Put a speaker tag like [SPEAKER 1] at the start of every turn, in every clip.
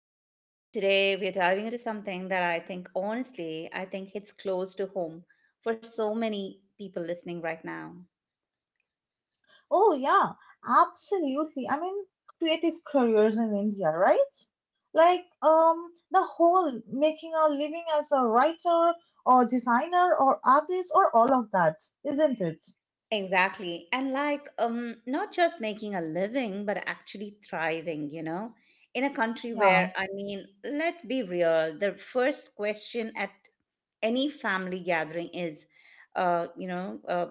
[SPEAKER 1] Today we're diving into something that I think, honestly, I think hits close to home for so many people listening right now.
[SPEAKER 2] Oh, yeah, absolutely. I mean, creative careers in India, right? Like, the whole making a living as a writer or designer or artist or all of that, isn't it?
[SPEAKER 1] Exactly. And like, not just making a living, but actually thriving, you know, in a country
[SPEAKER 2] Yeah.
[SPEAKER 1] where, I mean, let's be real, the first question at any family gathering is uh, you know uh,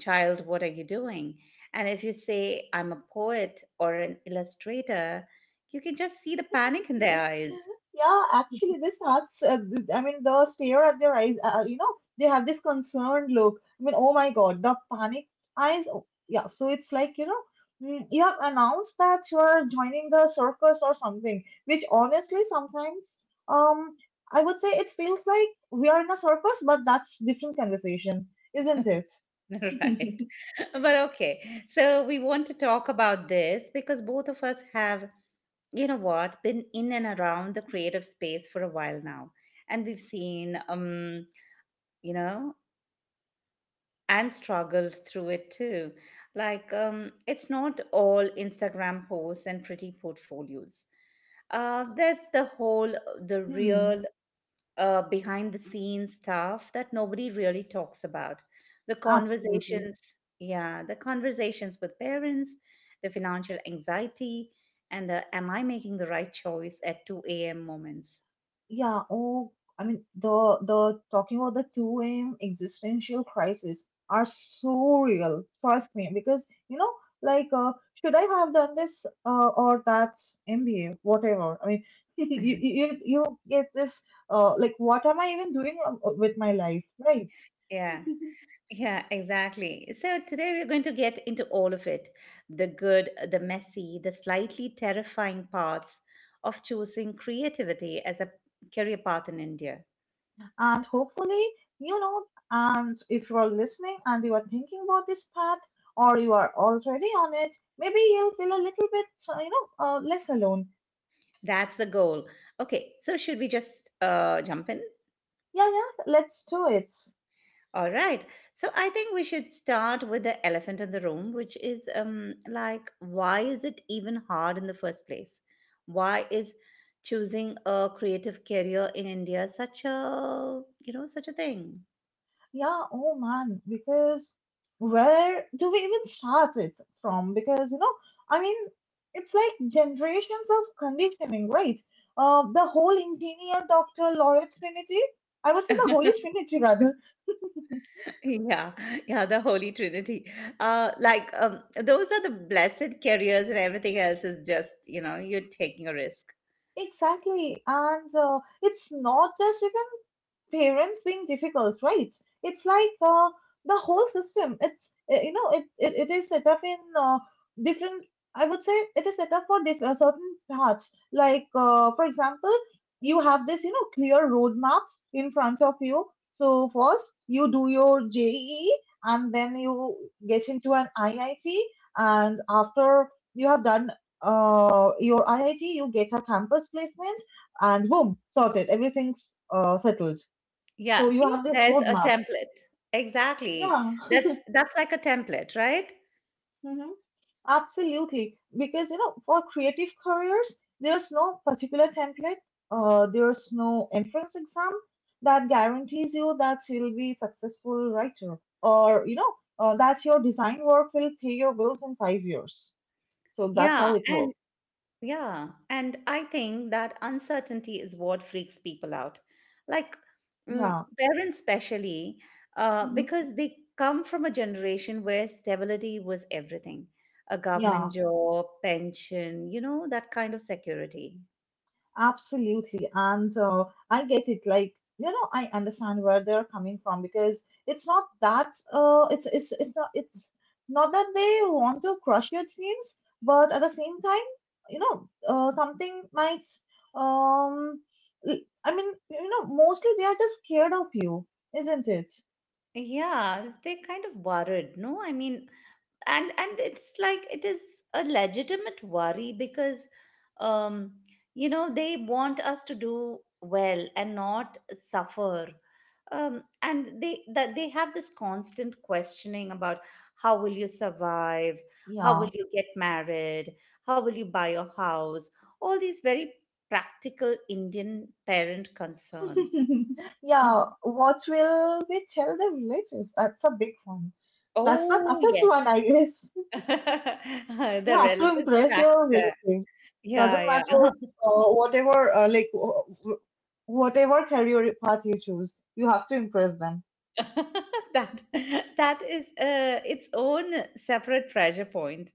[SPEAKER 1] child, what are you doing? And if you say I'm a poet or an illustrator, you can just see the panic in their eyes.
[SPEAKER 2] Yeah, actually, this starts. I mean, the stare at their eyes. They have this concerned look. I mean, oh my God, the panic eyes. Oh, yeah, so it's like you have announced that you are joining the circus or something. Which, honestly, sometimes, um, I would say it feels like we are in a circus, but that's different conversation, isn't it?
[SPEAKER 1] Right. But okay, so we want to talk about this because both of us have, you know what, been in and around the creative space for a while now, and we've seen, you know and struggled through it too. Like, it's not all Instagram posts and pretty portfolios. There's the whole, the
[SPEAKER 2] Hmm,
[SPEAKER 1] real behind the scenes stuff that nobody really talks about. The
[SPEAKER 2] absolutely.
[SPEAKER 1] conversations, yeah, the conversations with parents, the financial anxiety, and the am I making the right choice at 2 a.m. moments.
[SPEAKER 2] Yeah, oh, I mean the talking about the 2M existential crisis are so real. Trust me, because like, should I have done this or that MBA, whatever. I mean, you get this like, what am I even doing with my life, right?
[SPEAKER 1] Yeah. Yeah, exactly. So today we're going to get into all of it: the good, the messy, the slightly terrifying parts of choosing creativity as a career path in India.
[SPEAKER 2] And hopefully, you know, and if you are listening and you are thinking about this path or you are already on it, maybe you feel a little bit, you know, less alone.
[SPEAKER 1] That's the goal. Okay, so should we just jump in?
[SPEAKER 2] Yeah, yeah, let's do it.
[SPEAKER 1] All right. So I think we should start with the elephant in the room, which is, like, why is it even hard in the first place? Why is choosing a creative career in India such a thing?
[SPEAKER 2] Yeah, oh man, because where do we even start it from? Because, I mean, it's like generations of conditioning, right? The whole engineer, doctor, lawyer trinity, I would say the holy trinity rather.
[SPEAKER 1] Yeah, yeah, the Holy Trinity. Like, those are the blessed careers, and everything else is just, you're taking a risk.
[SPEAKER 2] Exactly. And it's not just you can parents being difficult, right? It's like the whole system. It's it is set up in different. I would say it is set up for different certain paths. Like for example, you have this clear roadmaps in front of you. So first you do your JEE and then you get into an IIT, and after you have done your IIT you get a campus placement, and boom, sorted, everything's settled,
[SPEAKER 1] Yeah,
[SPEAKER 2] so you
[SPEAKER 1] see,
[SPEAKER 2] have this
[SPEAKER 1] there's a
[SPEAKER 2] roadmap.
[SPEAKER 1] template. Exactly.
[SPEAKER 2] Yeah.
[SPEAKER 1] That's like a template, right?
[SPEAKER 2] Hmm, absolutely. Because, you know, for creative careers, there's no particular template, there's no entrance exam that guarantees you that you'll be successful writer, or, that your design work will pay your bills in 5 years. So that's how
[SPEAKER 1] Yeah,
[SPEAKER 2] it
[SPEAKER 1] and
[SPEAKER 2] works.
[SPEAKER 1] Yeah, and I think that uncertainty is what freaks people out. Like, mm,
[SPEAKER 2] Yeah.
[SPEAKER 1] parents, especially,
[SPEAKER 2] Hmm.
[SPEAKER 1] because they come from a generation where stability was everything: a government
[SPEAKER 2] Yeah.
[SPEAKER 1] job, pension, that kind of security.
[SPEAKER 2] Absolutely. And I get it. Like, I understand where they're coming from, because it's not that they want to crush your dreams, but at the same time, something might um l- I mean, mostly they are just scared of you, isn't it?
[SPEAKER 1] Yeah, they're kind of worried. No, I mean, and it's like it is a legitimate worry because, um they want us to do well and not suffer, and they have this constant questioning about how will you survive, how
[SPEAKER 2] Yeah.
[SPEAKER 1] will you get married, how will you buy your house, all these very practical Indian parent concerns.
[SPEAKER 2] Yeah,
[SPEAKER 1] Mhm.
[SPEAKER 2] what will we tell the relatives? That's a big one. That's the
[SPEAKER 1] Oh
[SPEAKER 2] toughest one,
[SPEAKER 1] yes.
[SPEAKER 2] I guess. You
[SPEAKER 1] The
[SPEAKER 2] have to
[SPEAKER 1] relatives
[SPEAKER 2] impress your
[SPEAKER 1] factor.
[SPEAKER 2] relatives. Doesn't
[SPEAKER 1] Yeah,
[SPEAKER 2] matter
[SPEAKER 1] yeah.
[SPEAKER 2] whatever like wh- wh- whatever career path you choose, you have to impress them.
[SPEAKER 1] that that is its own separate treasure point.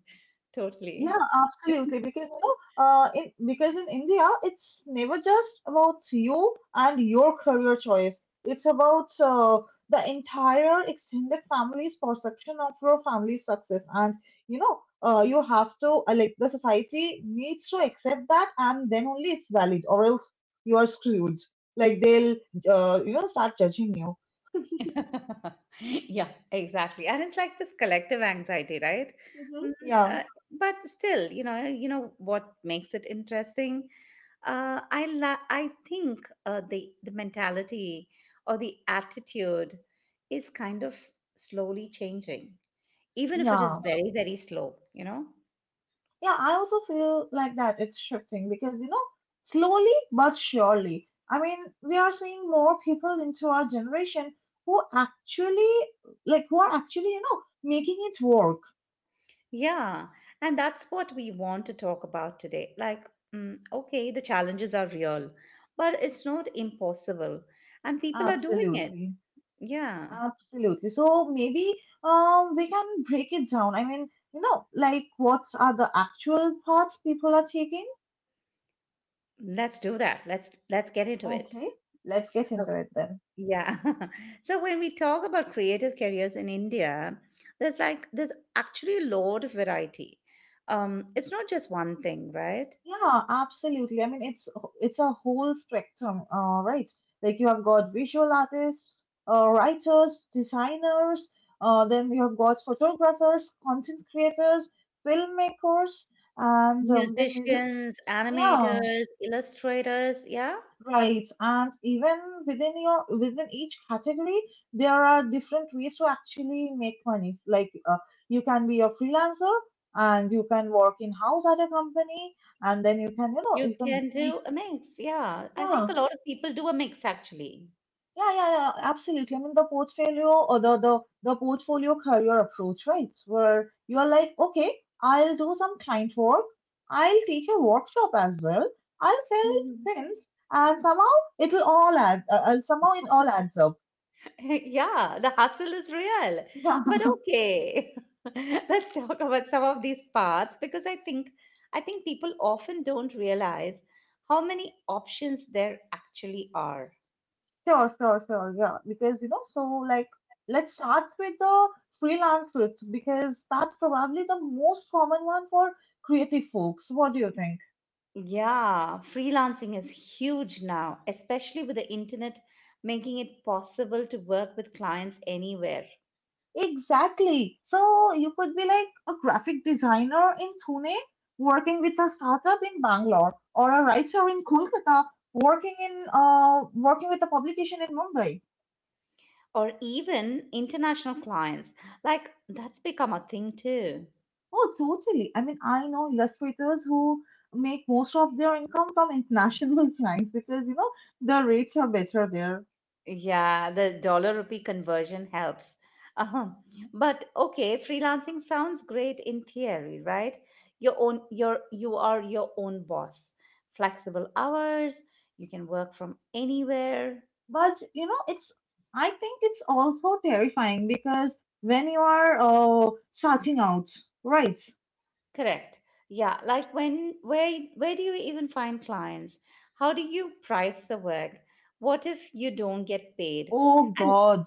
[SPEAKER 1] Totally.
[SPEAKER 2] Yeah, absolutely. Because in India, it's never just about you and your career choice. It's about the entire extended family's perception of your family's success, and you have to like, the society needs to accept that, and then only it's valid, or else you are screwed. Like they'll start judging you.
[SPEAKER 1] Yeah, exactly. And it's like this collective anxiety, right?
[SPEAKER 2] Hmm.
[SPEAKER 1] Mm,
[SPEAKER 2] Yeah,
[SPEAKER 1] uh, but still, you know what makes it interesting? I think the mentality or the attitude is kind of slowly changing, even if it is
[SPEAKER 2] yeah.
[SPEAKER 1] very very slow. You know.
[SPEAKER 2] Yeah, I also feel like that it's shifting, because, slowly but surely. I mean, we are seeing more people into our generation who actually, who are actually, making it work.
[SPEAKER 1] Yeah, and that's what we want to talk about today. Like, okay, the challenges are real, but it's not impossible, and people are doing it.
[SPEAKER 2] Absolutely.
[SPEAKER 1] Yeah,
[SPEAKER 2] Absolutely. So maybe we can break it down. I mean, you know, like, what are the actual paths people are taking?
[SPEAKER 1] let's do that. Let's get into it.
[SPEAKER 2] Okay, let's get into
[SPEAKER 1] Okay.
[SPEAKER 2] it then.
[SPEAKER 1] Yeah. So when we talk about creative careers in India, there's, like, there's actually a lot of variety. It's not just one thing, right?
[SPEAKER 2] Yeah, absolutely. I mean, it's a whole spectrum, right? Like, you have got visual artists, writers, designers, then you have got photographers, content creators, filmmakers, and then music.
[SPEAKER 1] Musicians,
[SPEAKER 2] Yeah,
[SPEAKER 1] animators, illustrators, yeah.
[SPEAKER 2] right. And even within each category, there are different ways to actually make money. Like, you can be a freelancer, and you can work in house at a company, and then
[SPEAKER 1] You
[SPEAKER 2] you can
[SPEAKER 1] can
[SPEAKER 2] be.
[SPEAKER 1] do a mix. Yeah. I think
[SPEAKER 2] Yeah,
[SPEAKER 1] a lot of people do a mix actually.
[SPEAKER 2] yeah, yeah, yeah, absolutely. I mean, the portfolio, or the portfolio career approach, right? Where you are like, okay, I'll do some client work, I'll teach a workshop as well, I'll sell
[SPEAKER 1] Mhm.
[SPEAKER 2] things, and somehow it all adds up.
[SPEAKER 1] Yeah, the hustle is real. But okay. Let's talk about some of these parts because I think people often don't realize how many options there actually are.
[SPEAKER 2] Yeah, sure, sure, sure. Yeah, because so like, let's start with the freelance script, because that's probably the most common one for creative folks. What do you think?
[SPEAKER 1] Yeah, freelancing is huge now, especially with the internet making it possible to work with clients anywhere.
[SPEAKER 2] Exactly. So you could be like a graphic designer in Pune working with a startup in Bangalore, or a writer in Kolkata working with a publication in Mumbai.
[SPEAKER 1] Or even international clients. Like, that's become a thing too.
[SPEAKER 2] Oh, totally. I mean, I know illustrators who make most of their income from international clients, because the rates are better there.
[SPEAKER 1] Yeah, the dollar rupee conversion helps. Uh-huh. But okay, freelancing sounds great in theory, right? You are your own boss. Flexible hours, you can work from anywhere.
[SPEAKER 2] But it's I think it's also terrifying, because when you are starting out, right?
[SPEAKER 1] Correct. Yeah, like, when where do you even find clients? How do you price the work? What if you don't get paid?
[SPEAKER 2] Oh
[SPEAKER 1] And,
[SPEAKER 2] God.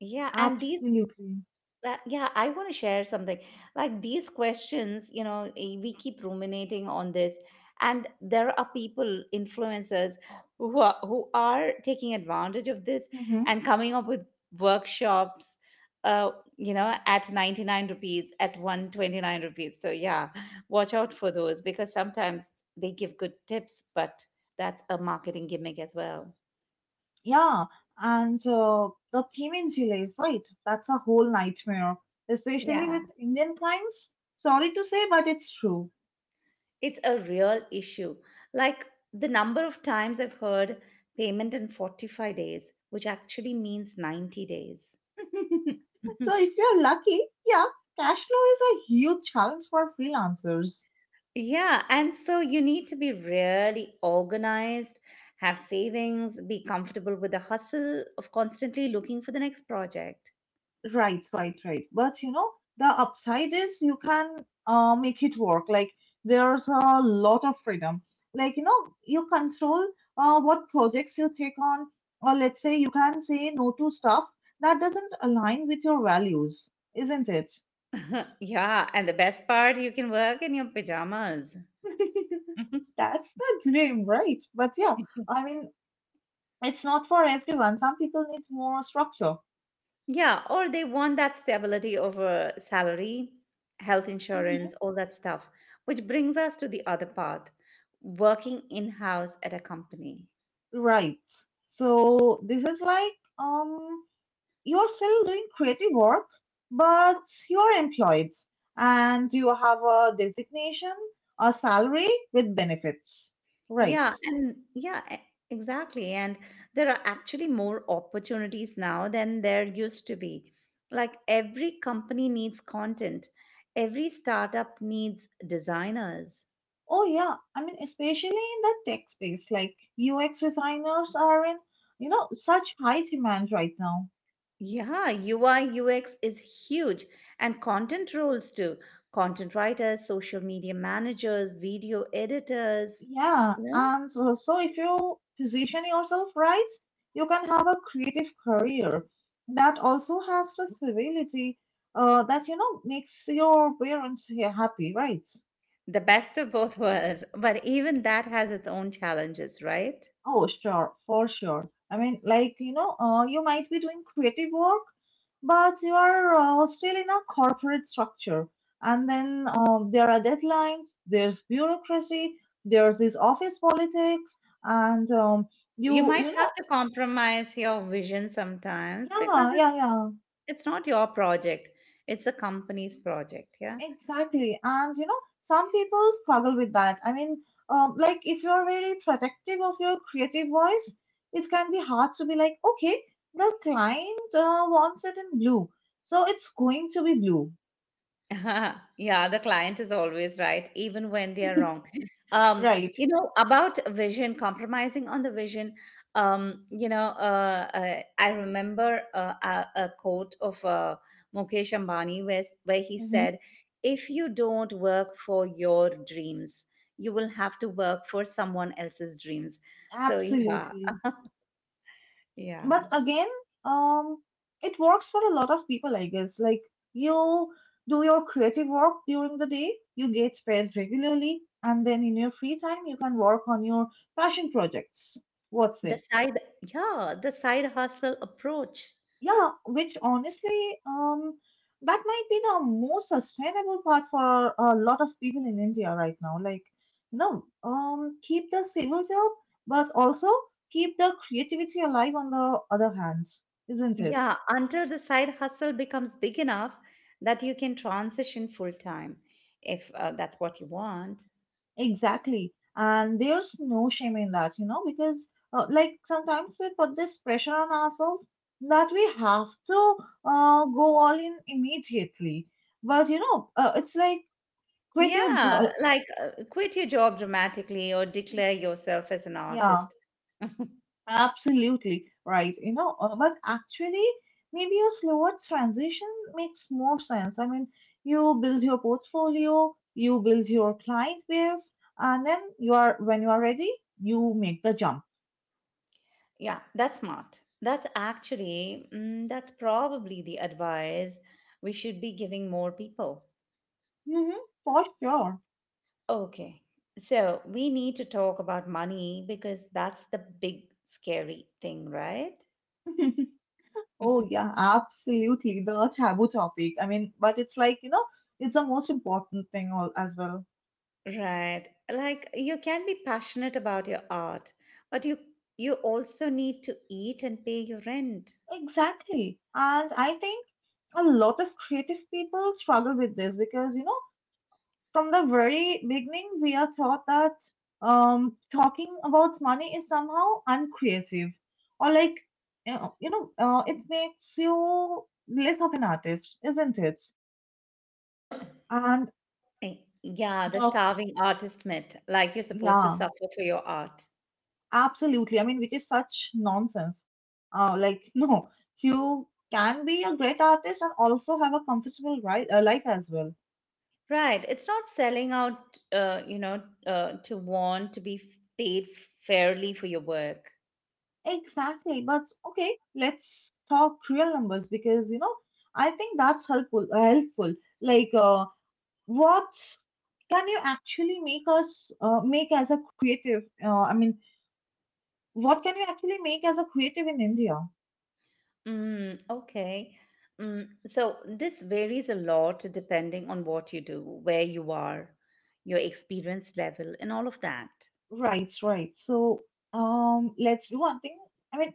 [SPEAKER 1] yeah, and these
[SPEAKER 2] Absolutely.
[SPEAKER 1] Yeah, I want to share something. Like, these questions, we keep ruminating on this, and there are people, influencers, who are taking advantage of this,
[SPEAKER 2] Hmm.
[SPEAKER 1] and coming up with workshops, uh, at 99 rupees, at 129 rupees. So, yeah, watch out for those because sometimes they give good tips, but that's a marketing gimmick as well.
[SPEAKER 2] Yeah, and the payment delays, right? That's a whole nightmare, especially with
[SPEAKER 1] Yeah,
[SPEAKER 2] Indian clients. Sorry to say, but it's true.
[SPEAKER 1] it's a real issue. Like, the number of times I've heard payment in 45 days, which actually means 90 days.
[SPEAKER 2] So, if you're lucky, yeah, cash flow is a huge challenge for freelancers.
[SPEAKER 1] Yeah, and so you need to be really organized, have savings, be comfortable with the hustle of constantly looking for the next project.
[SPEAKER 2] Right, right, right. But the upside is, you can make it work. Like, there's a lot of freedom. Like, you control what projects you take on, or, let's say, you can say no to stuff that doesn't align with your values, isn't it?
[SPEAKER 1] Yeah, and the best part, you can work in your pajamas.
[SPEAKER 2] That's the dream, right? But yeah, I mean, it's not for everyone. Some people need more structure.
[SPEAKER 1] Yeah, or they want that stability over salary, health
[SPEAKER 2] Hmm.
[SPEAKER 1] insurance, all that stuff, which brings us to the other path, working in-house at a company.
[SPEAKER 2] Right. So this is like, um you're still doing creative work, but you're employed, and you have a designation, a salary with benefits. Right.
[SPEAKER 1] Yeah, and yeah, e- exactly. And there are actually more opportunities now than there used to be. Like, every company needs content, every startup needs designers.
[SPEAKER 2] Oh, yeah. I mean, especially in the tech space, like, UX designers are in, such high demand right now.
[SPEAKER 1] Yeah, UI UX is huge, and content roles too. Content writers, social media managers, video editors,
[SPEAKER 2] Yeah.
[SPEAKER 1] you know,
[SPEAKER 2] And so if you position yourself right, you can have a creative career that also has the stability that, makes your parents here happy, right?
[SPEAKER 1] the best of both worlds. But even that has its own challenges, right?
[SPEAKER 2] Oh, sure, for sure. I mean, like, you might be doing creative work, but you are still in a corporate structure. And then there are deadlines, there's bureaucracy, there's this office politics, and
[SPEAKER 1] You
[SPEAKER 2] you,
[SPEAKER 1] might
[SPEAKER 2] you
[SPEAKER 1] have
[SPEAKER 2] know,
[SPEAKER 1] to compromise your vision sometimes because
[SPEAKER 2] yeah,
[SPEAKER 1] it's
[SPEAKER 2] yeah, yeah.
[SPEAKER 1] it's not your project. It's the company's project, yeah.
[SPEAKER 2] Exactly. And some people struggle with that. I mean, like, if you're very protective of your creative voice, it can be hard to be like, okay, the client wants it in blue, so it's going to be blue.
[SPEAKER 1] Yeah, the client is always right, even when they are wrong. Um,
[SPEAKER 2] Right.
[SPEAKER 1] you know, about vision, compromising on the vision. I remember a quote of Mukesh Ambani, where he
[SPEAKER 2] Hmm.
[SPEAKER 1] said, "If you don't work for your dreams, you will have to work for someone else's dreams." So, yeah,
[SPEAKER 2] Absolutely.
[SPEAKER 1] yeah.
[SPEAKER 2] But again, um, it works for a lot of people, I guess. Like, you do your creative work during the day, you get paid regularly, and then in your free time you can work on your passion projects. What's
[SPEAKER 1] The
[SPEAKER 2] it?
[SPEAKER 1] side, yeah, the side hustle approach.
[SPEAKER 2] Yeah, which, honestly, that might be the most sustainable part for a lot of people in India right now. Like, keep the civil job, but also keep the creativity alive on the other hands, isn't it?
[SPEAKER 1] Yeah, until the side hustle becomes big enough that you can transition full time if, that's what you want.
[SPEAKER 2] Exactly. And there's no shame in that, because like, sometimes we put this pressure on ourselves that we have to go all in immediately. But it's like, quit your
[SPEAKER 1] Yeah,
[SPEAKER 2] job.
[SPEAKER 1] like, quit your job dramatically or declare yourself as an
[SPEAKER 2] Yeah.
[SPEAKER 1] artist.
[SPEAKER 2] Absolutely right. But actually, maybe a slower transition makes more sense. I mean, you build your portfolio, you build your client base, and then you are when you are ready, you make the jump.
[SPEAKER 1] Yeah, that's smart. That's actually, that's probably the advice we should be giving more people.
[SPEAKER 2] Hmm. For sure.
[SPEAKER 1] Okay, so we need to talk about money because that's the big scary thing, right?
[SPEAKER 2] Oh yeah, absolutely. The taboo topic. I mean, but it's like, it's the most important thing all as well.
[SPEAKER 1] Right. Like, you can be passionate about your art, but you also need to eat and pay your rent.
[SPEAKER 2] Exactly. And I think a lot of creative people struggle with this, because, from the very beginning, we are taught that talking about money is somehow uncreative, or like, it makes you less of an artist, isn't it? And
[SPEAKER 1] Eh, Yeah, the
[SPEAKER 2] talk,
[SPEAKER 1] starving artist myth, like you're supposed to
[SPEAKER 2] yeah,
[SPEAKER 1] suffer for your art.
[SPEAKER 2] absolutely. I mean, which is such nonsense. Like no, you can be a great artist and also have a comfortable life as well.
[SPEAKER 1] Right. It's not selling out, to want to be paid fairly for your work.
[SPEAKER 2] Exactly. But okay, let's talk real numbers, because I think that's helpful. Like, what can you actually make as a creative, I mean, what can you actually make as a creative in India?
[SPEAKER 1] Mm, okay. So this varies a lot depending on what you do, where you are, your experience level, and all of that.
[SPEAKER 2] Right, right. So let's do one thing. I mean,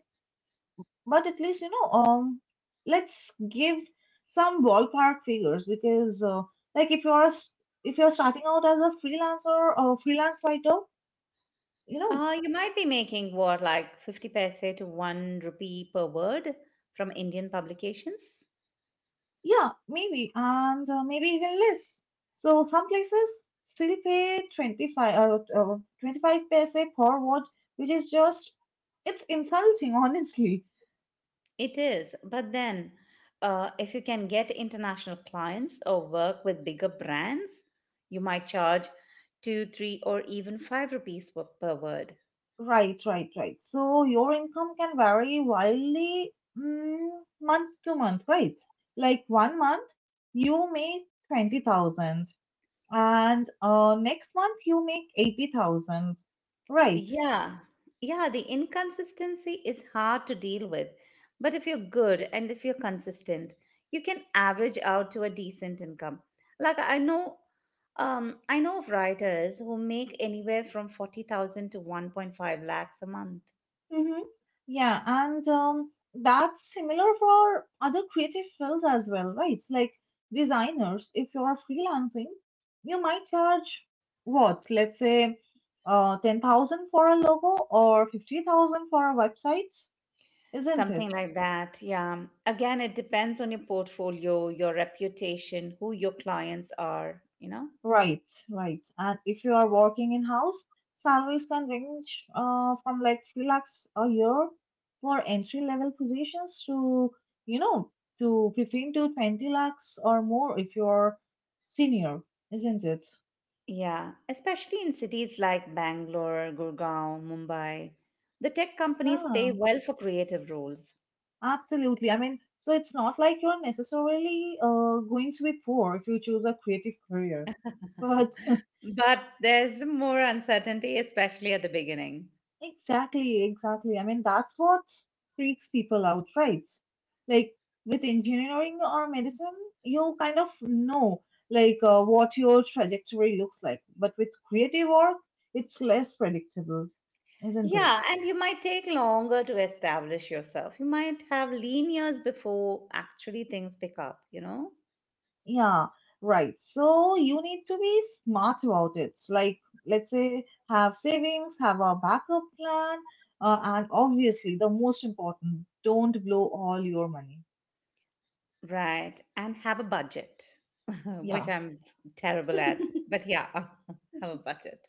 [SPEAKER 2] but at least, let's give some ballpark figures, because like, if you're starting out as a freelancer or a freelance writer, you know
[SPEAKER 1] You might be making what, like 50 paise to 1 rupee per word from Indian publications?
[SPEAKER 2] Yeah, maybe, and maybe even less. So some places still pay 25 paise per watt, which is just, it's insulting, honestly.
[SPEAKER 1] It is. But then, if you can get international clients or work with bigger brands, you might charge 2, 3, or even 5 rupees per word.
[SPEAKER 2] Right, right, right. So your income can vary wildly mm, month to month, right? Like one month you make 20,000 and next month you make 80,000, right?
[SPEAKER 1] Yeah, yeah, the inconsistency is hard to deal with. But if you're good and if you're consistent, you can average out to a decent income. Like, I know of writers who make anywhere from 40,000 to 1.5 lakhs a month,
[SPEAKER 2] Mm-hmm. Yeah, and that's similar for other creative fields as well, right? Like designers, if you are freelancing, you might charge what, let's say, 10,000 for a logo or 50,000 for a website, isn't
[SPEAKER 1] something
[SPEAKER 2] it?
[SPEAKER 1] like that. Yeah. Again, it depends on your portfolio, your reputation, who your clients are, you know?
[SPEAKER 2] Right, right. And if you are working in house, salaries can range from like 3 lakhs a year for entry level positions to, you know, to 15 to 20 lakhs or more if you're senior, isn't it?
[SPEAKER 1] Yeah, especially in cities like Bangalore, Gurgaon, Mumbai, the tech companies pay
[SPEAKER 2] Yeah,
[SPEAKER 1] well for creative roles.
[SPEAKER 2] absolutely. I mean, so it's not like you're necessarily going to be poor if you choose a creative career. But
[SPEAKER 1] But there's more uncertainty, especially at the beginning.
[SPEAKER 2] Exactly, exactly. I mean, that's what freaks people out, right? Like with engineering or medicine, you kind of know like what your trajectory looks like. But with creative work, it's less predictable, isn't it?
[SPEAKER 1] Yeah, and you might take longer to establish yourself. You might have lean years before actually things pick up, you know?
[SPEAKER 2] Yeah, right. So you need to be smart about it. Like, let's say, have savings, have a backup plan, and obviously, the most important, don't blow all your money.
[SPEAKER 1] Right, and have a budget, which
[SPEAKER 2] Yeah.
[SPEAKER 1] I'm terrible at. But yeah, have a budget.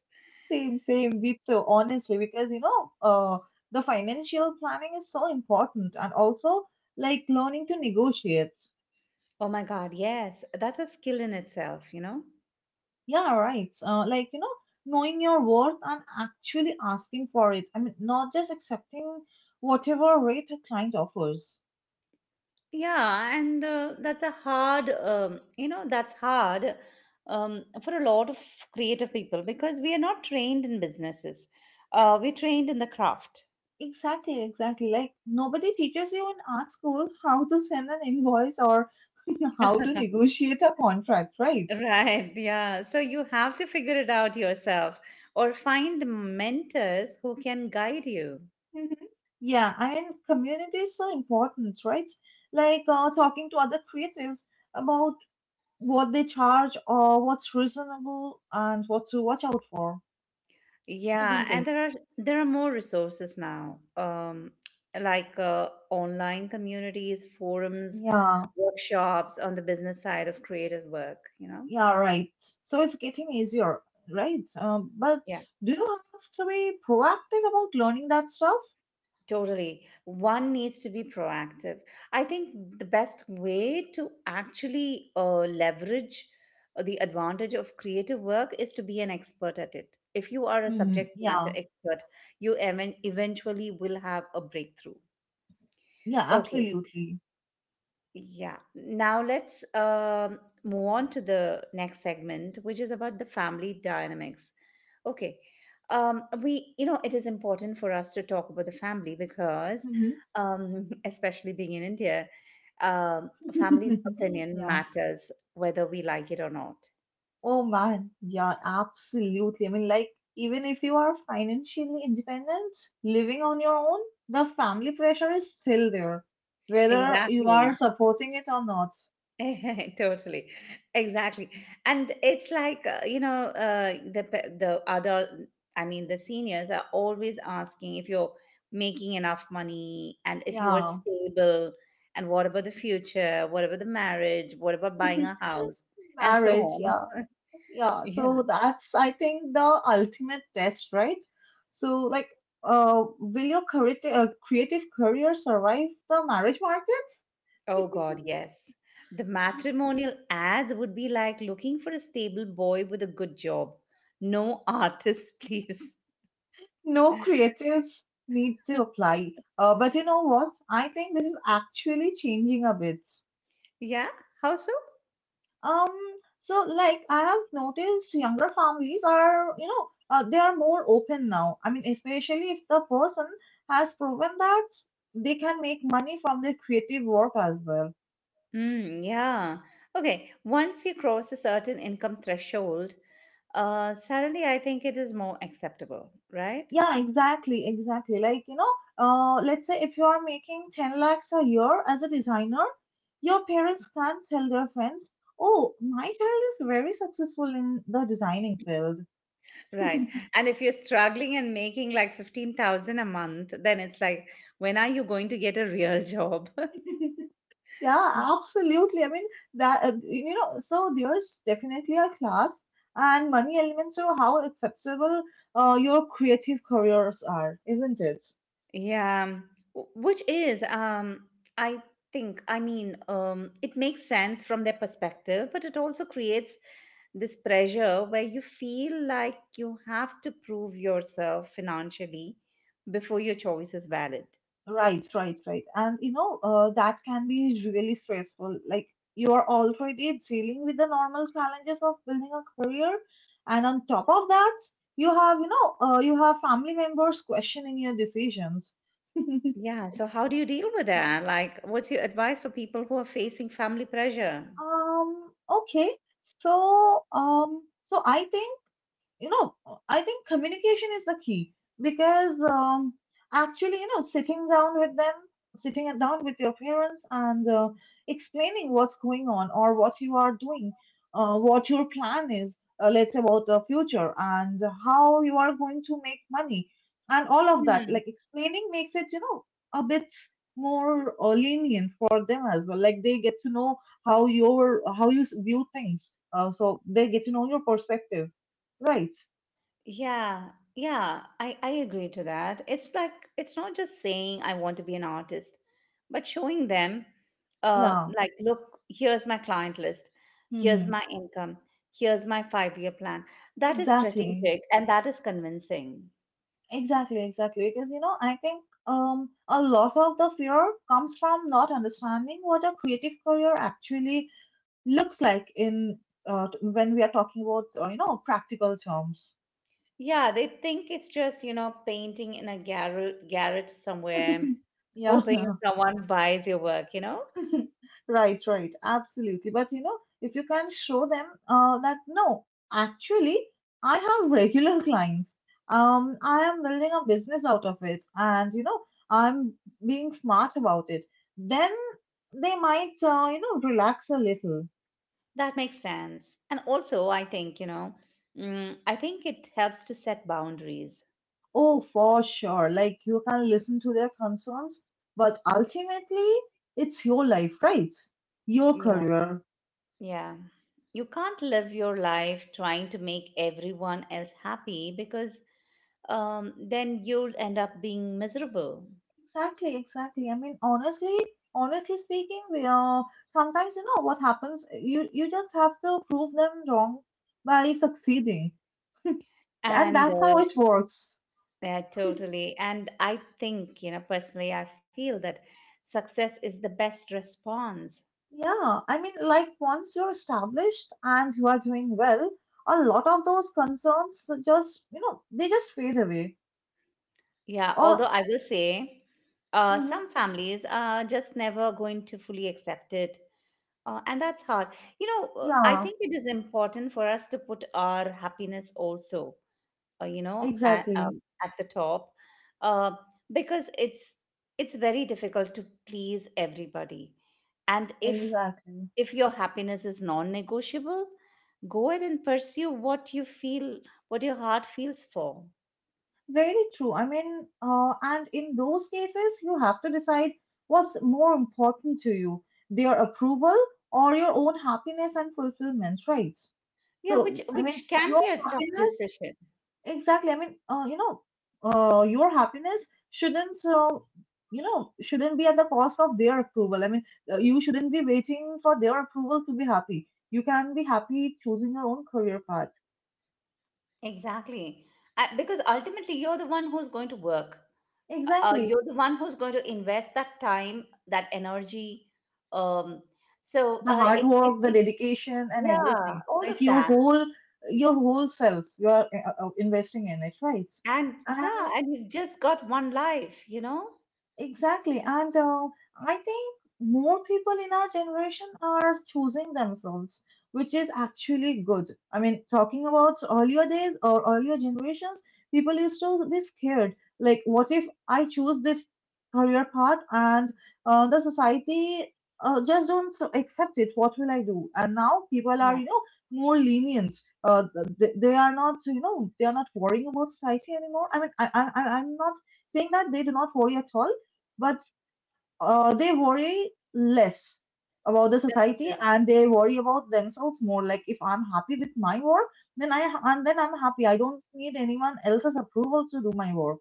[SPEAKER 2] Same, Vito, honestly, because you know, the financial planning is so important and also like learning to negotiate.
[SPEAKER 1] Oh my God, yes, that's a skill in itself, you know?
[SPEAKER 2] Yeah, right. Like, you know, knowing your worth and actually asking for it. I mean, not just accepting whatever rate a client offers.
[SPEAKER 1] Yeah, and that's a hard, you know, that's hard, for a lot of creative people because we are not trained in businesses. We're trained in the craft.
[SPEAKER 2] Exactly, exactly. Like, nobody teaches you in art school how to send an invoice or how to negotiate a contract, right?
[SPEAKER 1] Right, yeah. So you have to figure it out yourself or find mentors who can guide you.
[SPEAKER 2] Mhm. Yeah, and community is so important, right? Like talking to other creatives about what they charge or what's reasonable and what to watch out for,
[SPEAKER 1] Yeah,
[SPEAKER 2] isn't
[SPEAKER 1] and
[SPEAKER 2] it?
[SPEAKER 1] there are more resources now, like, online communities, forums,
[SPEAKER 2] Yeah,
[SPEAKER 1] workshops on the business side of creative work, you know?
[SPEAKER 2] yeah, right. So it's getting easier, right? But
[SPEAKER 1] Yeah.
[SPEAKER 2] do you have to be proactive about learning that stuff?
[SPEAKER 1] Totally. One needs to be proactive. I think the best way to actually leverage the advantage of creative work is to be an expert at it. If you are a
[SPEAKER 2] Mhm.
[SPEAKER 1] subject matter
[SPEAKER 2] Yeah,
[SPEAKER 1] expert, you even eventually will have a breakthrough.
[SPEAKER 2] yeah,
[SPEAKER 1] Okay,
[SPEAKER 2] absolutely.
[SPEAKER 1] yeah. Now let's, move on to the next segment, which is about the family dynamics. Okay. It is important for us to talk about the family because,
[SPEAKER 2] Hmm.
[SPEAKER 1] especially being in India, family's opinion
[SPEAKER 2] Yeah.
[SPEAKER 1] matters whether we like it or not.
[SPEAKER 2] Oh man, yeah, absolutely. I mean, like, even if you are financially independent, living on your own, the family pressure is still there, whether you are
[SPEAKER 1] Exactly.
[SPEAKER 2] supporting it or not.
[SPEAKER 1] Totally, exactly, and it's like the adult. I mean, the seniors are always asking if you're making enough money and if you are
[SPEAKER 2] Yeah,
[SPEAKER 1] stable, and what about the future? What about the marriage? What about buying a house? And so
[SPEAKER 2] marriage,
[SPEAKER 1] on.
[SPEAKER 2] yeah, yeah.
[SPEAKER 1] Yeah.
[SPEAKER 2] So that's, I think, the ultimate test, right? So, like, will your creative career survive the marriage market?
[SPEAKER 1] Oh God, yes. The matrimonial ads would be like looking for a stable boy with a good job. No artists, please.
[SPEAKER 2] No creatives need to apply. But you know what? I think this is actually changing a bit.
[SPEAKER 1] Yeah. How so?
[SPEAKER 2] Um, so like I have noticed younger families are, you know, they are more open now. I mean, especially if the person has proven that they can make money from their creative work as well.
[SPEAKER 1] Mm, yeah. Okay. Once you cross a certain income threshold, suddenly I think it is more acceptable, right?
[SPEAKER 2] Yeah, exactly, exactly. Like, you know, let's say if you are making 10 lakhs a year as a designer, your parents can tell their friends, oh, my child is very successful in the designing field.
[SPEAKER 1] Right. And if you're struggling and making like 15,000 a month, then it's like, when are you going to get a real job?
[SPEAKER 2] Yeah, absolutely. I mean, that, you know, so there's definitely a class and money element to how acceptable your creative careers are, isn't it?
[SPEAKER 1] Yeah, which is, I think, I mean, it makes sense from their perspective, but it also creates this pressure where you feel like you have to prove yourself financially before your choice is valid.
[SPEAKER 2] Right, right, right. And you know, that can be really stressful. Like you are already dealing with the normal challenges of building a career, and on top of that, you have, you know, you have family members questioning your decisions.
[SPEAKER 1] Yeah, so how do you deal with
[SPEAKER 2] Yeah.
[SPEAKER 1] that? Like, what's your advice for people who are facing family pressure?
[SPEAKER 2] Okay. So I think you know I think communication is the key because actually you know sitting down with them sitting down with your parents and explaining what's going on or what you are doing, what your plan is, let's say about the future and how you are going to make money and all of that, like explaining makes it, you know, a bit more lenient for them as well. Like they get to know how you view things, so they get to know your perspective, right?
[SPEAKER 1] Yeah, yeah, I agree to that. It's like it's not just saying I want to be an artist, but showing them,
[SPEAKER 2] Yeah.
[SPEAKER 1] like, look, here's my client list, here's
[SPEAKER 2] Mm-hmm.
[SPEAKER 1] my income, here's my five-year plan. That is
[SPEAKER 2] Exactly.
[SPEAKER 1] strategic and that is convincing.
[SPEAKER 2] Exactly, exactly. It is, you know, I think a lot of the fear comes from not understanding what a creative career actually looks like in when we are talking about you know, practical terms.
[SPEAKER 1] Yeah, they think it's just, you know, painting in a garret somewhere,
[SPEAKER 2] Yeah.
[SPEAKER 1] hoping someone buys your work, you know?
[SPEAKER 2] Right, right, absolutely. But you know, if you can show them that no, actually, I have regular clients. I am building a business out of it, and you know, I'm being smart about it. Then they might, you know, relax a little.
[SPEAKER 1] That makes sense. And also, I think, you know, mm, I think it helps to set boundaries.
[SPEAKER 2] Oh, for sure. Like you can listen to their concerns, but ultimately, it's your life, right? Your
[SPEAKER 1] Yeah,
[SPEAKER 2] career,
[SPEAKER 1] yeah. You can't live your life trying to make everyone else happy because then you'll end up being miserable.
[SPEAKER 2] exactly, exactly. I mean, honestly, honestly speaking, we are sometimes you know what happens. You just have to prove them wrong by succeeding, and
[SPEAKER 1] And
[SPEAKER 2] that's how it works.
[SPEAKER 1] yeah, totally. And I think, you know, personally, I feel that success is the best response.
[SPEAKER 2] Yeah, I mean, like once you're established and you are doing well, a lot of those concerns just, you know, they just fade away.
[SPEAKER 1] Yeah, although
[SPEAKER 2] Or
[SPEAKER 1] I will say
[SPEAKER 2] mhm.
[SPEAKER 1] some families are just never going to fully accept it. And that's hard. You know, I
[SPEAKER 2] Yeah,
[SPEAKER 1] think it is important for us to put our happiness also, you know,
[SPEAKER 2] exactly,
[SPEAKER 1] at the top, uh, because it's very difficult to please everybody, and
[SPEAKER 2] exactly.
[SPEAKER 1] if your happiness is non-negotiable, go ahead and pursue what you feel, what your heart feels for.
[SPEAKER 2] Very true. I mean, and in those cases, you have to decide what's more important to you, their approval or your own happiness and fulfillment, right?
[SPEAKER 1] Yeah, which
[SPEAKER 2] So, I mean,
[SPEAKER 1] which can
[SPEAKER 2] your
[SPEAKER 1] be a tough
[SPEAKER 2] happiness,
[SPEAKER 1] decision
[SPEAKER 2] exactly. I mean, you know, your happiness shouldn't, you know, shouldn't be at the cost of their approval. I mean, you shouldn't be waiting for their approval to be happy. You can be happy choosing your own career path.
[SPEAKER 1] exactly. I, because ultimately you're the one who's going to work,
[SPEAKER 2] Exactly.
[SPEAKER 1] you're the one who's going to invest that time, that energy, um, so
[SPEAKER 2] The hard
[SPEAKER 1] it, it,
[SPEAKER 2] work, the
[SPEAKER 1] it's
[SPEAKER 2] dedication, and
[SPEAKER 1] Yeah,
[SPEAKER 2] everything,
[SPEAKER 1] all of
[SPEAKER 2] like your
[SPEAKER 1] that.
[SPEAKER 2] whole, your whole self you are investing in it, right?
[SPEAKER 1] And yeah,
[SPEAKER 2] And
[SPEAKER 1] and you've just got one life, you know?
[SPEAKER 2] exactly. And I think more people in our generation are choosing themselves, which is actually good. I mean, talking about earlier days or earlier generations, people used to be scared. Like, what if I choose this career path and the society just don't accept it? What will I do? And now people are,
[SPEAKER 1] Yeah,
[SPEAKER 2] you know, more lenient. Uh, they are not, you know, they are not worrying about society anymore. I mean, I'm not saying that they do not worry at all, but they worry less about the
[SPEAKER 1] that's
[SPEAKER 2] society
[SPEAKER 1] true.
[SPEAKER 2] and they worry about themselves more. Like if I'm happy with my work, then i then I'm happy, I don't need anyone else's approval to do my work,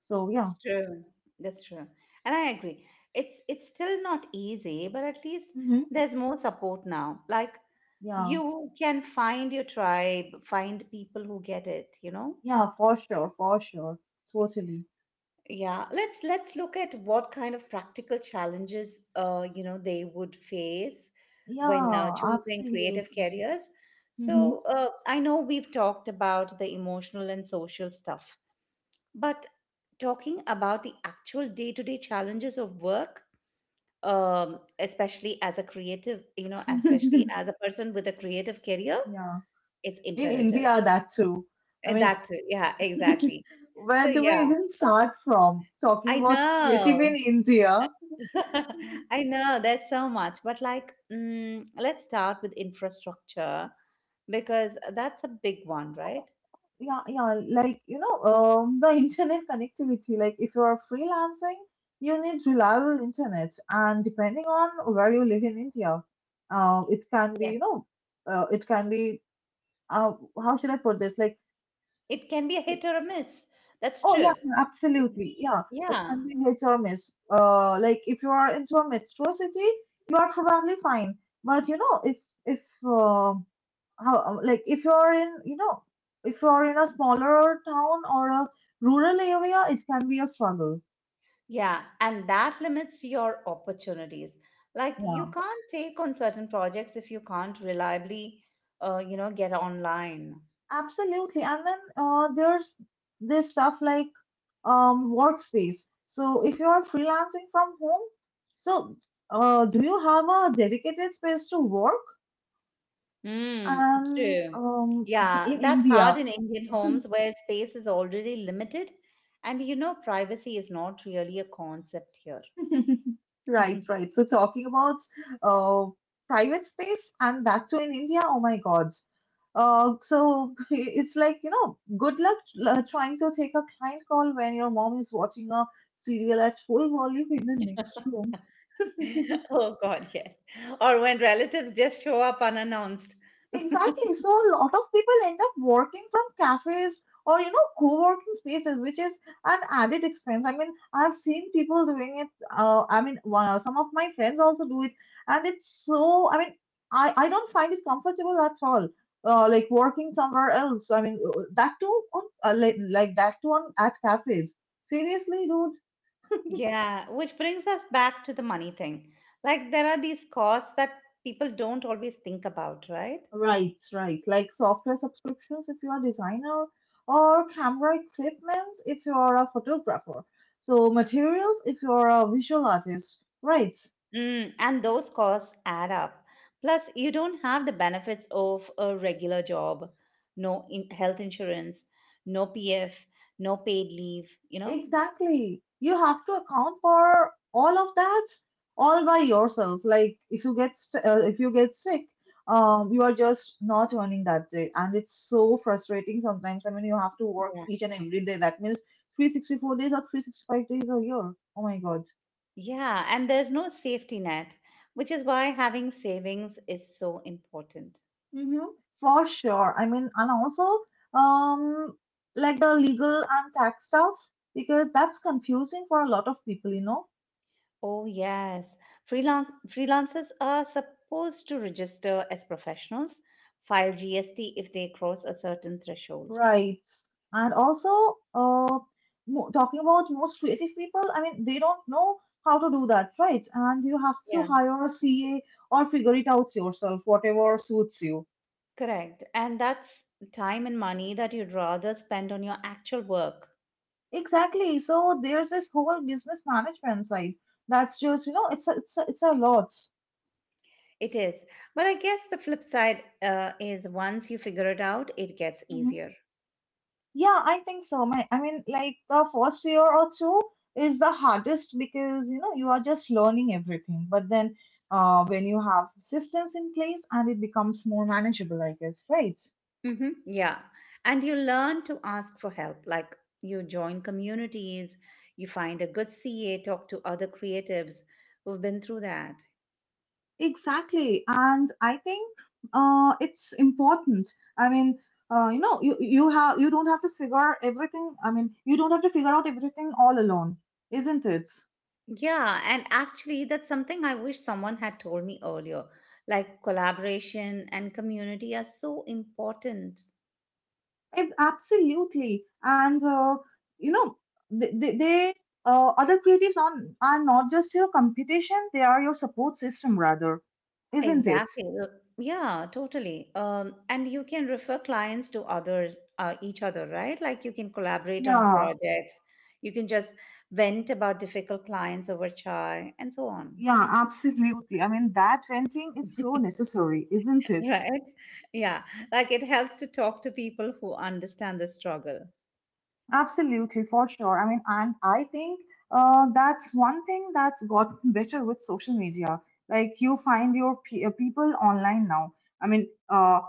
[SPEAKER 2] so yeah.
[SPEAKER 1] That's true. That's true. And I agree. It's still not easy, but at least
[SPEAKER 2] Hmm.
[SPEAKER 1] there's more support now. Like
[SPEAKER 2] Yeah,
[SPEAKER 1] you can find your tribe, find people who get it, you know?
[SPEAKER 2] yeah, for sure, for sure, totally.
[SPEAKER 1] Yeah, let's look at what kind of practical challenges, you know, they would face when
[SPEAKER 2] Yeah,
[SPEAKER 1] choosing creative
[SPEAKER 2] absolutely.
[SPEAKER 1] careers. So I know we've talked about the emotional and social stuff, but talking about the actual day-to-day challenges of work, especially as a creative, you know,
[SPEAKER 2] Hmm.
[SPEAKER 1] especially as a person with a creative career,
[SPEAKER 2] Yeah,
[SPEAKER 1] it's
[SPEAKER 2] in
[SPEAKER 1] imperative.
[SPEAKER 2] India that too, I
[SPEAKER 1] And
[SPEAKER 2] mean.
[SPEAKER 1] that too, yeah, exactly.
[SPEAKER 2] Where
[SPEAKER 1] So
[SPEAKER 2] do we
[SPEAKER 1] yeah,
[SPEAKER 2] even start from, talking
[SPEAKER 1] I
[SPEAKER 2] about creative
[SPEAKER 1] know.
[SPEAKER 2] in India?
[SPEAKER 1] I know there's so much, but like, mm, let's start with infrastructure because that's a big one, right?
[SPEAKER 2] Yeah, yeah, like, you know, the internet connectivity, like if you are freelancing you need reliable internet, and depending on where you live in India, it can be,
[SPEAKER 1] Yeah,
[SPEAKER 2] you know, it can be uh, how should I put this, like,
[SPEAKER 1] it can be a
[SPEAKER 2] it,
[SPEAKER 1] hit or a miss. That's
[SPEAKER 2] oh yeah,
[SPEAKER 1] true.
[SPEAKER 2] yeah,
[SPEAKER 1] Mhm.
[SPEAKER 2] absolutely, yeah, it
[SPEAKER 1] Yeah,
[SPEAKER 2] can be hit or miss. Like if you are into a metro city you are probably fine, but you know, if how like if you're in, you know, if you're in a smaller town or a rural area, it can be a struggle.
[SPEAKER 1] yeah, and that limits your opportunities. Like, you
[SPEAKER 2] Yeah,
[SPEAKER 1] can't take on certain projects if you can't reliably, you know, get online.
[SPEAKER 2] absolutely. And then there's this stuff like workspace. So if you are freelancing from home, so do you have a dedicated space to work?
[SPEAKER 1] Mm,
[SPEAKER 2] And
[SPEAKER 1] true. Yeah,
[SPEAKER 2] in
[SPEAKER 1] that's hard
[SPEAKER 2] India,
[SPEAKER 1] in Indian homes where space is already limited. And you know, privacy is not really a concept here.
[SPEAKER 2] right, right. So talking about uh, private space and that too in India, oh my God. So it's like, you know, good luck trying to take a client call when your mom is watching a serial at full volume in the next room.
[SPEAKER 1] Oh God, yes. Or when relatives just show up unannounced.
[SPEAKER 2] Exactly. So a lot of people end up working from cafes or, you know, co-working spaces, which is an added expense. I mean, I've seen people doing it. I mean, some of my friends also do it, and it's so. I mean, I don't find it comfortable at all. Like working somewhere else. I mean, that too on like that too on at cafes. Seriously, dude.
[SPEAKER 1] Yeah, which brings us back to the money thing. Like there are these costs that people don't always think about, right?
[SPEAKER 2] Right, right. Like software subscriptions if you are a designer, or camera equipment if you are a photographer. So materials if you are a visual artist. Right,
[SPEAKER 1] Mm, and those costs add up. Plus, you don't have the benefits of a regular job, no in health insurance, no PF, no paid leave, you know?
[SPEAKER 2] exactly. You have to account for all of that all by yourself. Like if you get sick, you are just not earning that day, and it's so frustrating sometimes. I mean, you have to work
[SPEAKER 1] Yeah.
[SPEAKER 2] each and every day. That means 364 days or 365 days a year. Oh my god.
[SPEAKER 1] Yeah, and there's no safety net, which is why having savings is so important.
[SPEAKER 2] Mm-hmm. For sure. I mean, and also, um, like the legal and tax stuff, because that's confusing for a lot of people, you know,
[SPEAKER 1] Oh, yes. Freelancers are supposed to register as professionals, file GST if they cross a certain threshold.
[SPEAKER 2] rights. And also, talking about most creative people, I mean, they don't know how to do that, right? And you have to
[SPEAKER 1] Yeah,
[SPEAKER 2] hire a CA or figure it out yourself, whatever suits you.
[SPEAKER 1] correct. And that's time and money that you'd rather spend on your actual work.
[SPEAKER 2] Exactly. So there's this whole business management side. That's just, you know, it's a lot.
[SPEAKER 1] It is. But I guess the flip side is once you figure it out, it gets
[SPEAKER 2] Mm-hmm.
[SPEAKER 1] easier.
[SPEAKER 2] Yeah, I think so. I mean, like the first year or two is the hardest because you know you are just learning everything. But then, when you have systems in place and it becomes more manageable, I guess, right?
[SPEAKER 1] Mm-hmm. Yeah. And you learn to ask for help. Like you join communities, you find a good CA, talk to other creatives who've been through that.
[SPEAKER 2] Exactly, and I think it's important. I mean, you don't have to figure everything. I mean, you don't have to figure out everything all alone, isn't it?
[SPEAKER 1] Yeah, and actually, that's something I wish someone had told me earlier. Like collaboration and community are so important.
[SPEAKER 2] Absolutely. And, you know, they other creatives on are not just your competition, they are your support system, rather, isn't it?
[SPEAKER 1] Exactly. Yeah, totally. And you can refer clients to others, each other, right? Like you can collaborate on
[SPEAKER 2] Yeah,
[SPEAKER 1] projects. You can just vent about difficult clients over chai and so on.
[SPEAKER 2] yeah, absolutely. I mean, that venting is so necessary, isn't it?
[SPEAKER 1] Right? Yeah. Like it helps to talk to people who understand the struggle.
[SPEAKER 2] Absolutely, for sure. I mean, and I think that's one thing that's gotten better with social media. Like, you find your people online now. I mean,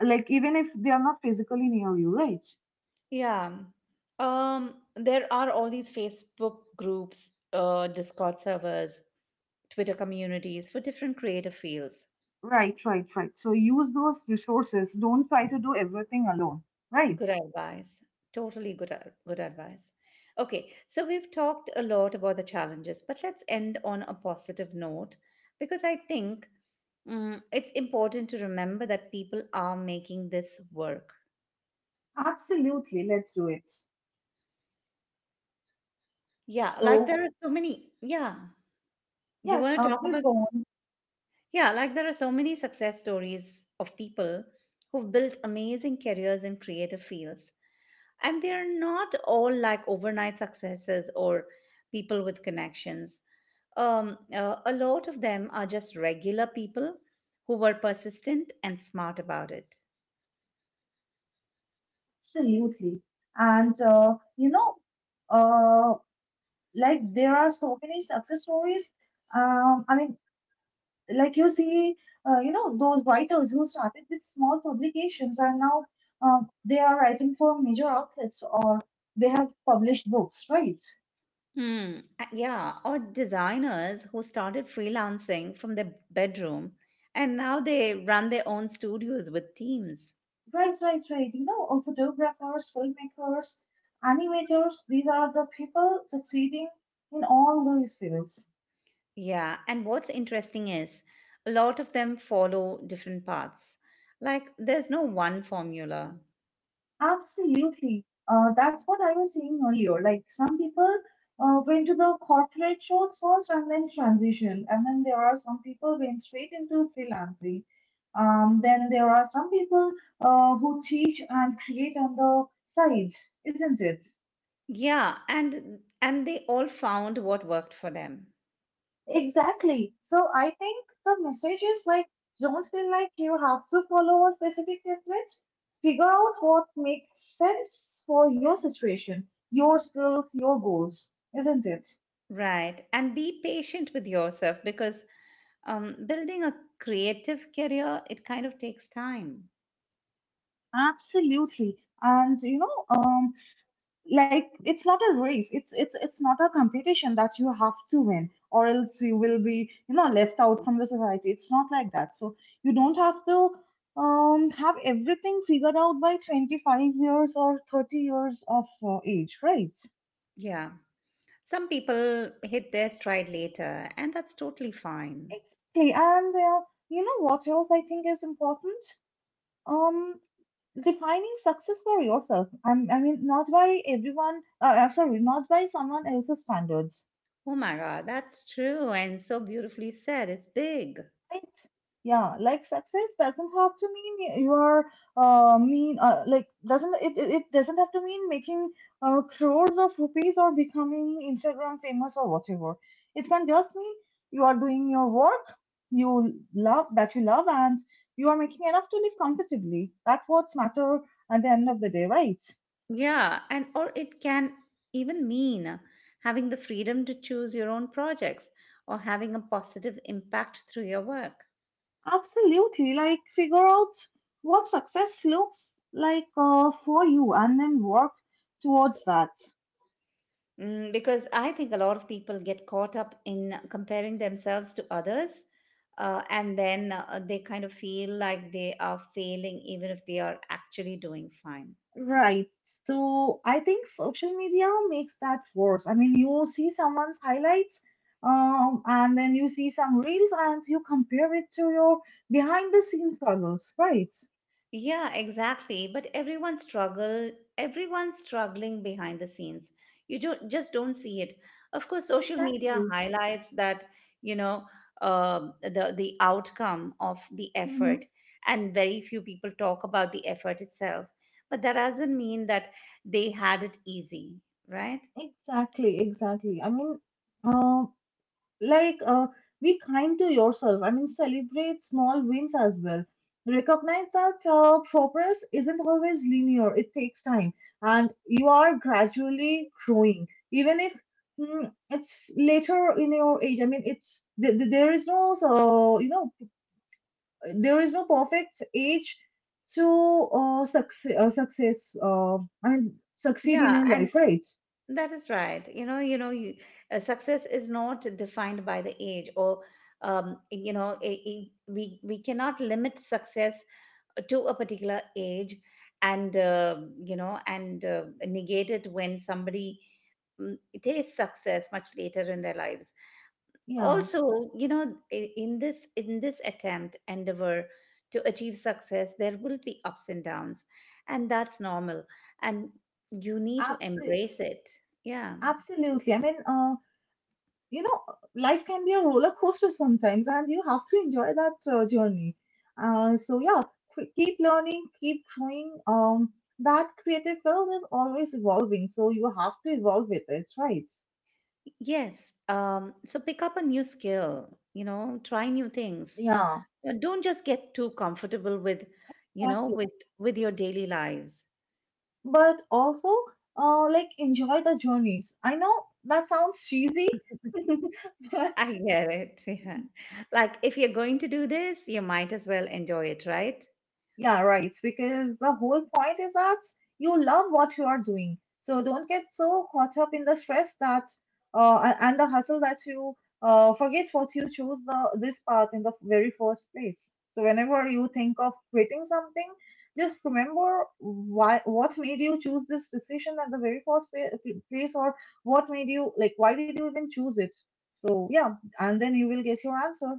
[SPEAKER 2] like, even if they are not physically near you, right?
[SPEAKER 1] Yeah. There are all these Facebook groups, Discord servers, Twitter communities for different creative fields.
[SPEAKER 2] Right, right, right. So use those resources. Don't try to do everything alone. Right.
[SPEAKER 1] Good advice. Totally good, good advice. Okay, so we've talked a lot about the challenges, but let's end on a positive note because I think mm, it's important to remember that people are making this work.
[SPEAKER 2] Absolutely, let's do it.
[SPEAKER 1] Yeah, like
[SPEAKER 2] So,
[SPEAKER 1] there are so many. Yeah. Do you
[SPEAKER 2] yes,
[SPEAKER 1] want to talk
[SPEAKER 2] please
[SPEAKER 1] about?
[SPEAKER 2] go on.
[SPEAKER 1] Yeah, like there are so many success stories of people who've built amazing careers in creative fields. And they're not all like overnight successes or people with connections. A lot of them are just regular people who were persistent and smart about it.
[SPEAKER 2] Absolutely. And, uh, like there are so many success stories. I mean, like you see, those writers who started with small publications are now they are writing for major outlets, or they have published books, right?
[SPEAKER 1] Hmm. Yeah, or designers who started freelancing from their bedroom and now they run their own studios with teams.
[SPEAKER 2] Right, right, right. You know, photographers, filmmakers, animators, these are the people succeeding in all those fields.
[SPEAKER 1] Yeah, and what's interesting is a lot of them follow different paths. Like there's no one formula.
[SPEAKER 2] Absolutely. That's what I was saying earlier. Like some people went to the corporate shows first and then transition. And then there are some people went straight into freelancing. Then there are some people who teach and create on the side, isn't it?
[SPEAKER 1] Yeah, and they all found what worked for them.
[SPEAKER 2] Exactly. So I think the message is like, don't feel like you have to follow a specific template. Figure out what makes sense for your situation, your skills, your goals, isn't it?
[SPEAKER 1] Right. And be patient with yourself because building a creative career it kind of takes time.
[SPEAKER 2] Absolutely. And you know, like it's not a race, it's not a competition that you have to win, or else you will be, you know, left out from the society. It's not like that. So you don't have to have everything figured out by 25 years or 30 years of age, right?
[SPEAKER 1] Yeah. Some people hit their stride later and that's totally fine.
[SPEAKER 2] Exactly. And you know what else I think is important? um Defining success for yourself. I mean, not by everyone. Sorry, not by someone else's standards.
[SPEAKER 1] Oh my god, that's true and so beautifully said. It's big.
[SPEAKER 2] Right. Yeah, like success doesn't have to mean you are mean like doesn't it, it it doesn't have to mean making crores of rupees or becoming Instagram famous or whatever. It can just mean you are doing your work you love, that you love, and you are making enough to live comfortably. That's what's matter at the end of the day, right?
[SPEAKER 1] Yeah, and or it can even mean having the freedom to choose your own projects or having a positive impact through your work.
[SPEAKER 2] Absolutely. Like figure out what success looks like for you, and then work towards that.
[SPEAKER 1] Mm, because I think a lot of people get caught up in comparing themselves to others, and then they kind of feel like they are failing even if they are actually doing fine.
[SPEAKER 2] Right. So I think social media makes that worse. I mean, you see someone's highlights, and then you see some reels, and you compare it to your behind the scenes struggles, right?
[SPEAKER 1] Yeah, exactly. But everyone's struggling behind the scenes. You don't just don't see it. Of course, social media
[SPEAKER 2] Exactly.
[SPEAKER 1] highlights that, you know, the outcome of the
[SPEAKER 2] Mm-hmm.
[SPEAKER 1] effort, and very few people talk about the effort itself. But that doesn't mean that they had it easy, right?
[SPEAKER 2] Exactly, exactly. I mean, um, like uh, be kind to yourself. I mean, celebrate small wins as well. Recognize that progress isn't always linear. It takes time, and you are gradually growing, even if it's later in your age. I mean, it's there is no you know, there is no perfect age to success. I mean succeed in
[SPEAKER 1] Yeah,
[SPEAKER 2] your
[SPEAKER 1] and
[SPEAKER 2] life, right?
[SPEAKER 1] that is right. You know, success is not defined by the age or, you know, we cannot limit success to a particular age, and you know, and negate it when somebody, mm, tastes success much later in their lives.
[SPEAKER 2] Yeah,
[SPEAKER 1] Also, you know, in this, attempt, endeavor to achieve success, there will be ups and downs, and that's normal. And you need to
[SPEAKER 2] absolutely,
[SPEAKER 1] embrace it. Yeah.
[SPEAKER 2] absolutely. I mean, you know, life can be a roller coaster sometimes, and you have to enjoy that journey. So yeah, keep learning, keep growing. That creative field is always evolving, so you have to evolve with it, right?
[SPEAKER 1] Yes. So pick up a new skill, you know, try new things.
[SPEAKER 2] Yeah,
[SPEAKER 1] Don't just get too comfortable with, you know,
[SPEAKER 2] exactly.
[SPEAKER 1] with your daily lives.
[SPEAKER 2] But also, like enjoy the journeys. I know that sounds cheesy, but
[SPEAKER 1] I get it. Yeah. Like if you're going to do this, you might as well enjoy it, right?
[SPEAKER 2] yeah, right. Because the whole point is that you love what you are doing. So don't get so caught up in the stress that and the hustle that you forget what you chose the this path in the very first place. So whenever you think of quitting something, just remember why, what made you choose this decision at the very first place, or what made you, like, why did you even choose it? So yeah, and then you will get your answer.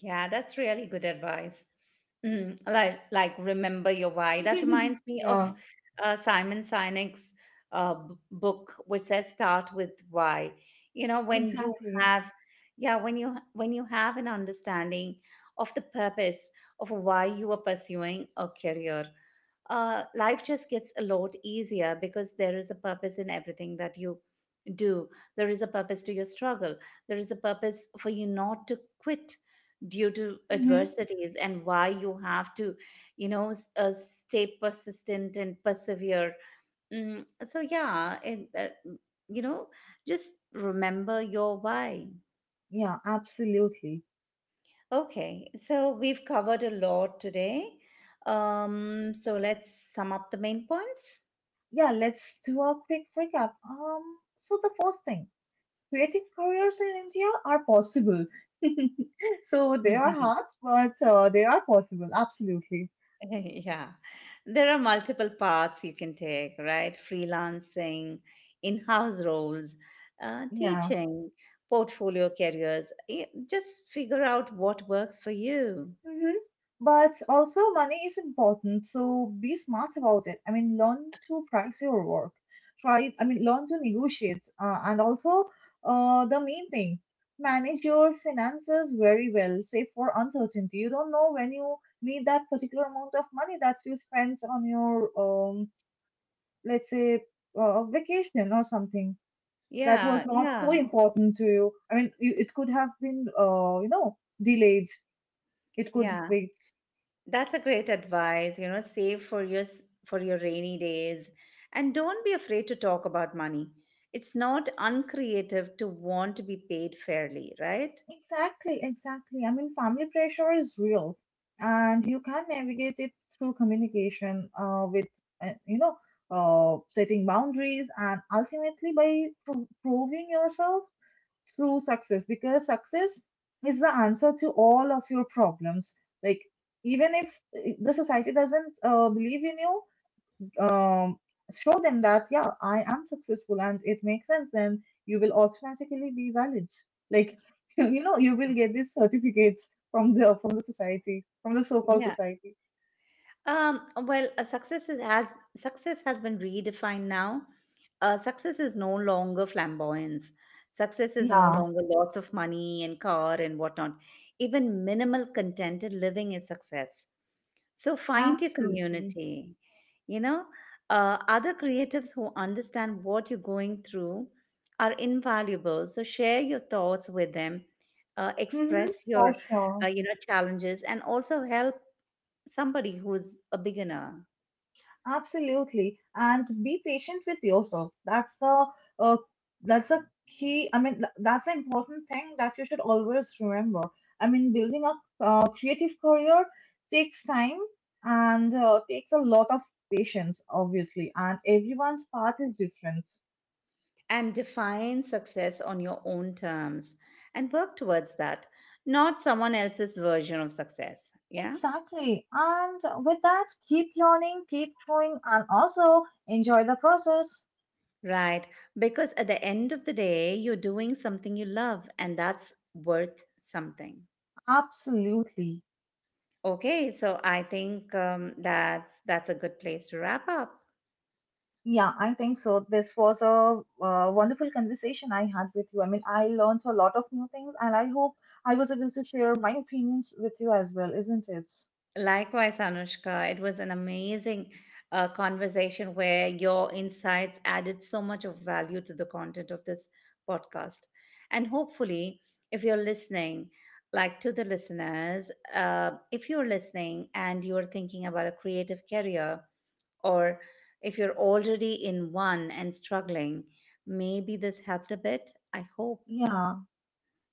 [SPEAKER 1] Yeah, that's really good advice. Mm, like remember your why. That reminds me of
[SPEAKER 2] Yeah,
[SPEAKER 1] Simon Sinek's book, which says start with why. You know, when you
[SPEAKER 2] exactly.
[SPEAKER 1] have, yeah, when you have an understanding of the purpose of why you are pursuing a career, life just gets a lot easier because there is a purpose in everything that you do. There is a purpose to your struggle. There is a purpose for you not to quit due to adversities and why you have to, you know, stay persistent and persevere. Mm, so, yeah, and, you know, just remember your why.
[SPEAKER 2] Yeah, absolutely.
[SPEAKER 1] Okay, so we've covered a lot today. So let's sum up the main points.
[SPEAKER 2] Yeah, let's do a quick recap. So the first thing, creative careers in India are possible. So they are hard, but they are possible. Absolutely.
[SPEAKER 1] Yeah, there are multiple paths you can take, right? Freelancing, in-house roles,
[SPEAKER 2] Yeah.
[SPEAKER 1] teaching, portfolio careers. Just figure out what works for you.
[SPEAKER 2] Mm-hmm. But also, money is important, so be smart about it. I mean, learn to price your work. Learn to negotiate. And also, the main thing, manage your finances very well, save for uncertainty. You don't know when you need that particular amount of money that you spent on your, let's say, vacation or something that was
[SPEAKER 1] Yeah,
[SPEAKER 2] not so
[SPEAKER 1] yeah,
[SPEAKER 2] important to you. I mean, you, it could have been, you know, delayed. It could
[SPEAKER 1] yeah.
[SPEAKER 2] wait.
[SPEAKER 1] That's a great advice. You know, save for your for your rainy days, and don't be afraid to talk about money. It's not uncreative to want to be paid fairly, right?
[SPEAKER 2] Exactly, exactly. I mean, family pressure is real, and you can navigate it through communication, with you know, setting boundaries, and ultimately by proving yourself through success. Because success is the answer to all of your problems. Like, even if the society doesn't believe in you, um, show them that yeah, I am successful, and it makes sense. Then you will automatically be valid, like, you know, you will get these certificates from the society, from the so-called
[SPEAKER 1] Yeah.
[SPEAKER 2] society.
[SPEAKER 1] Well, success has been redefined now. Success is no longer flamboyance. Success is no
[SPEAKER 2] Yeah,
[SPEAKER 1] longer lots of money and car and whatnot. Even minimal contented living is success. So find your
[SPEAKER 2] absolutely.
[SPEAKER 1] community, you know, other creatives who understand what you're going through are invaluable. So share your thoughts with them,
[SPEAKER 2] Hmm,
[SPEAKER 1] express
[SPEAKER 2] for
[SPEAKER 1] your,
[SPEAKER 2] sure.
[SPEAKER 1] you know, challenges, and also help somebody who's a beginner.
[SPEAKER 2] Absolutely, and be patient with yourself. That's the uh, that's a key. I mean, that's an important thing that you should always remember. I mean, building a creative career takes time and takes a lot of patience, obviously. And everyone's path is different.
[SPEAKER 1] And define success on your own terms and work towards that, not someone else's version of success. Yeah.
[SPEAKER 2] Exactly. And with that, keep learning, keep growing, and also enjoy the process.
[SPEAKER 1] Right. Because at the end of the day, you're doing something you love, and that's worth something.
[SPEAKER 2] Absolutely.
[SPEAKER 1] Okay, so I think that's a good place to wrap up.
[SPEAKER 2] Yeah, I think so. This was a wonderful conversation I had with you. I mean, I learned a lot of new things, and I hope I was able to share my opinions with you as well, isn't it?
[SPEAKER 1] Likewise, Anushka, it was an amazing conversation where your insights added so much of value to the content of this podcast. And hopefully, if you're listening, like to the listeners, if you're listening and you're thinking about a creative career, or if you're already in one and struggling, maybe this helped a bit. I hope.
[SPEAKER 2] Yeah,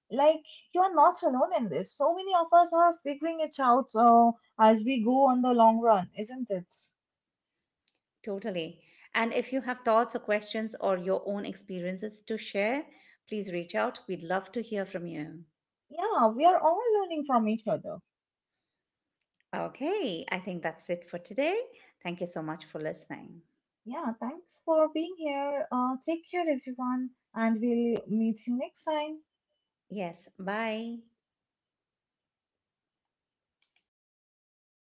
[SPEAKER 2] like you're not alone in this. So many of us are figuring it out as we go on the long run, isn't it?
[SPEAKER 1] Totally. And if you have thoughts or questions or your own experiences to share, please reach out. We'd love to hear from you.
[SPEAKER 2] Yeah, we are all learning from each other.
[SPEAKER 1] Okay, I think that's it for today. Thank you so much for listening.
[SPEAKER 2] Yeah, thanks for being here. Take care, everyone, and we'll meet you next time.
[SPEAKER 1] Yes, bye.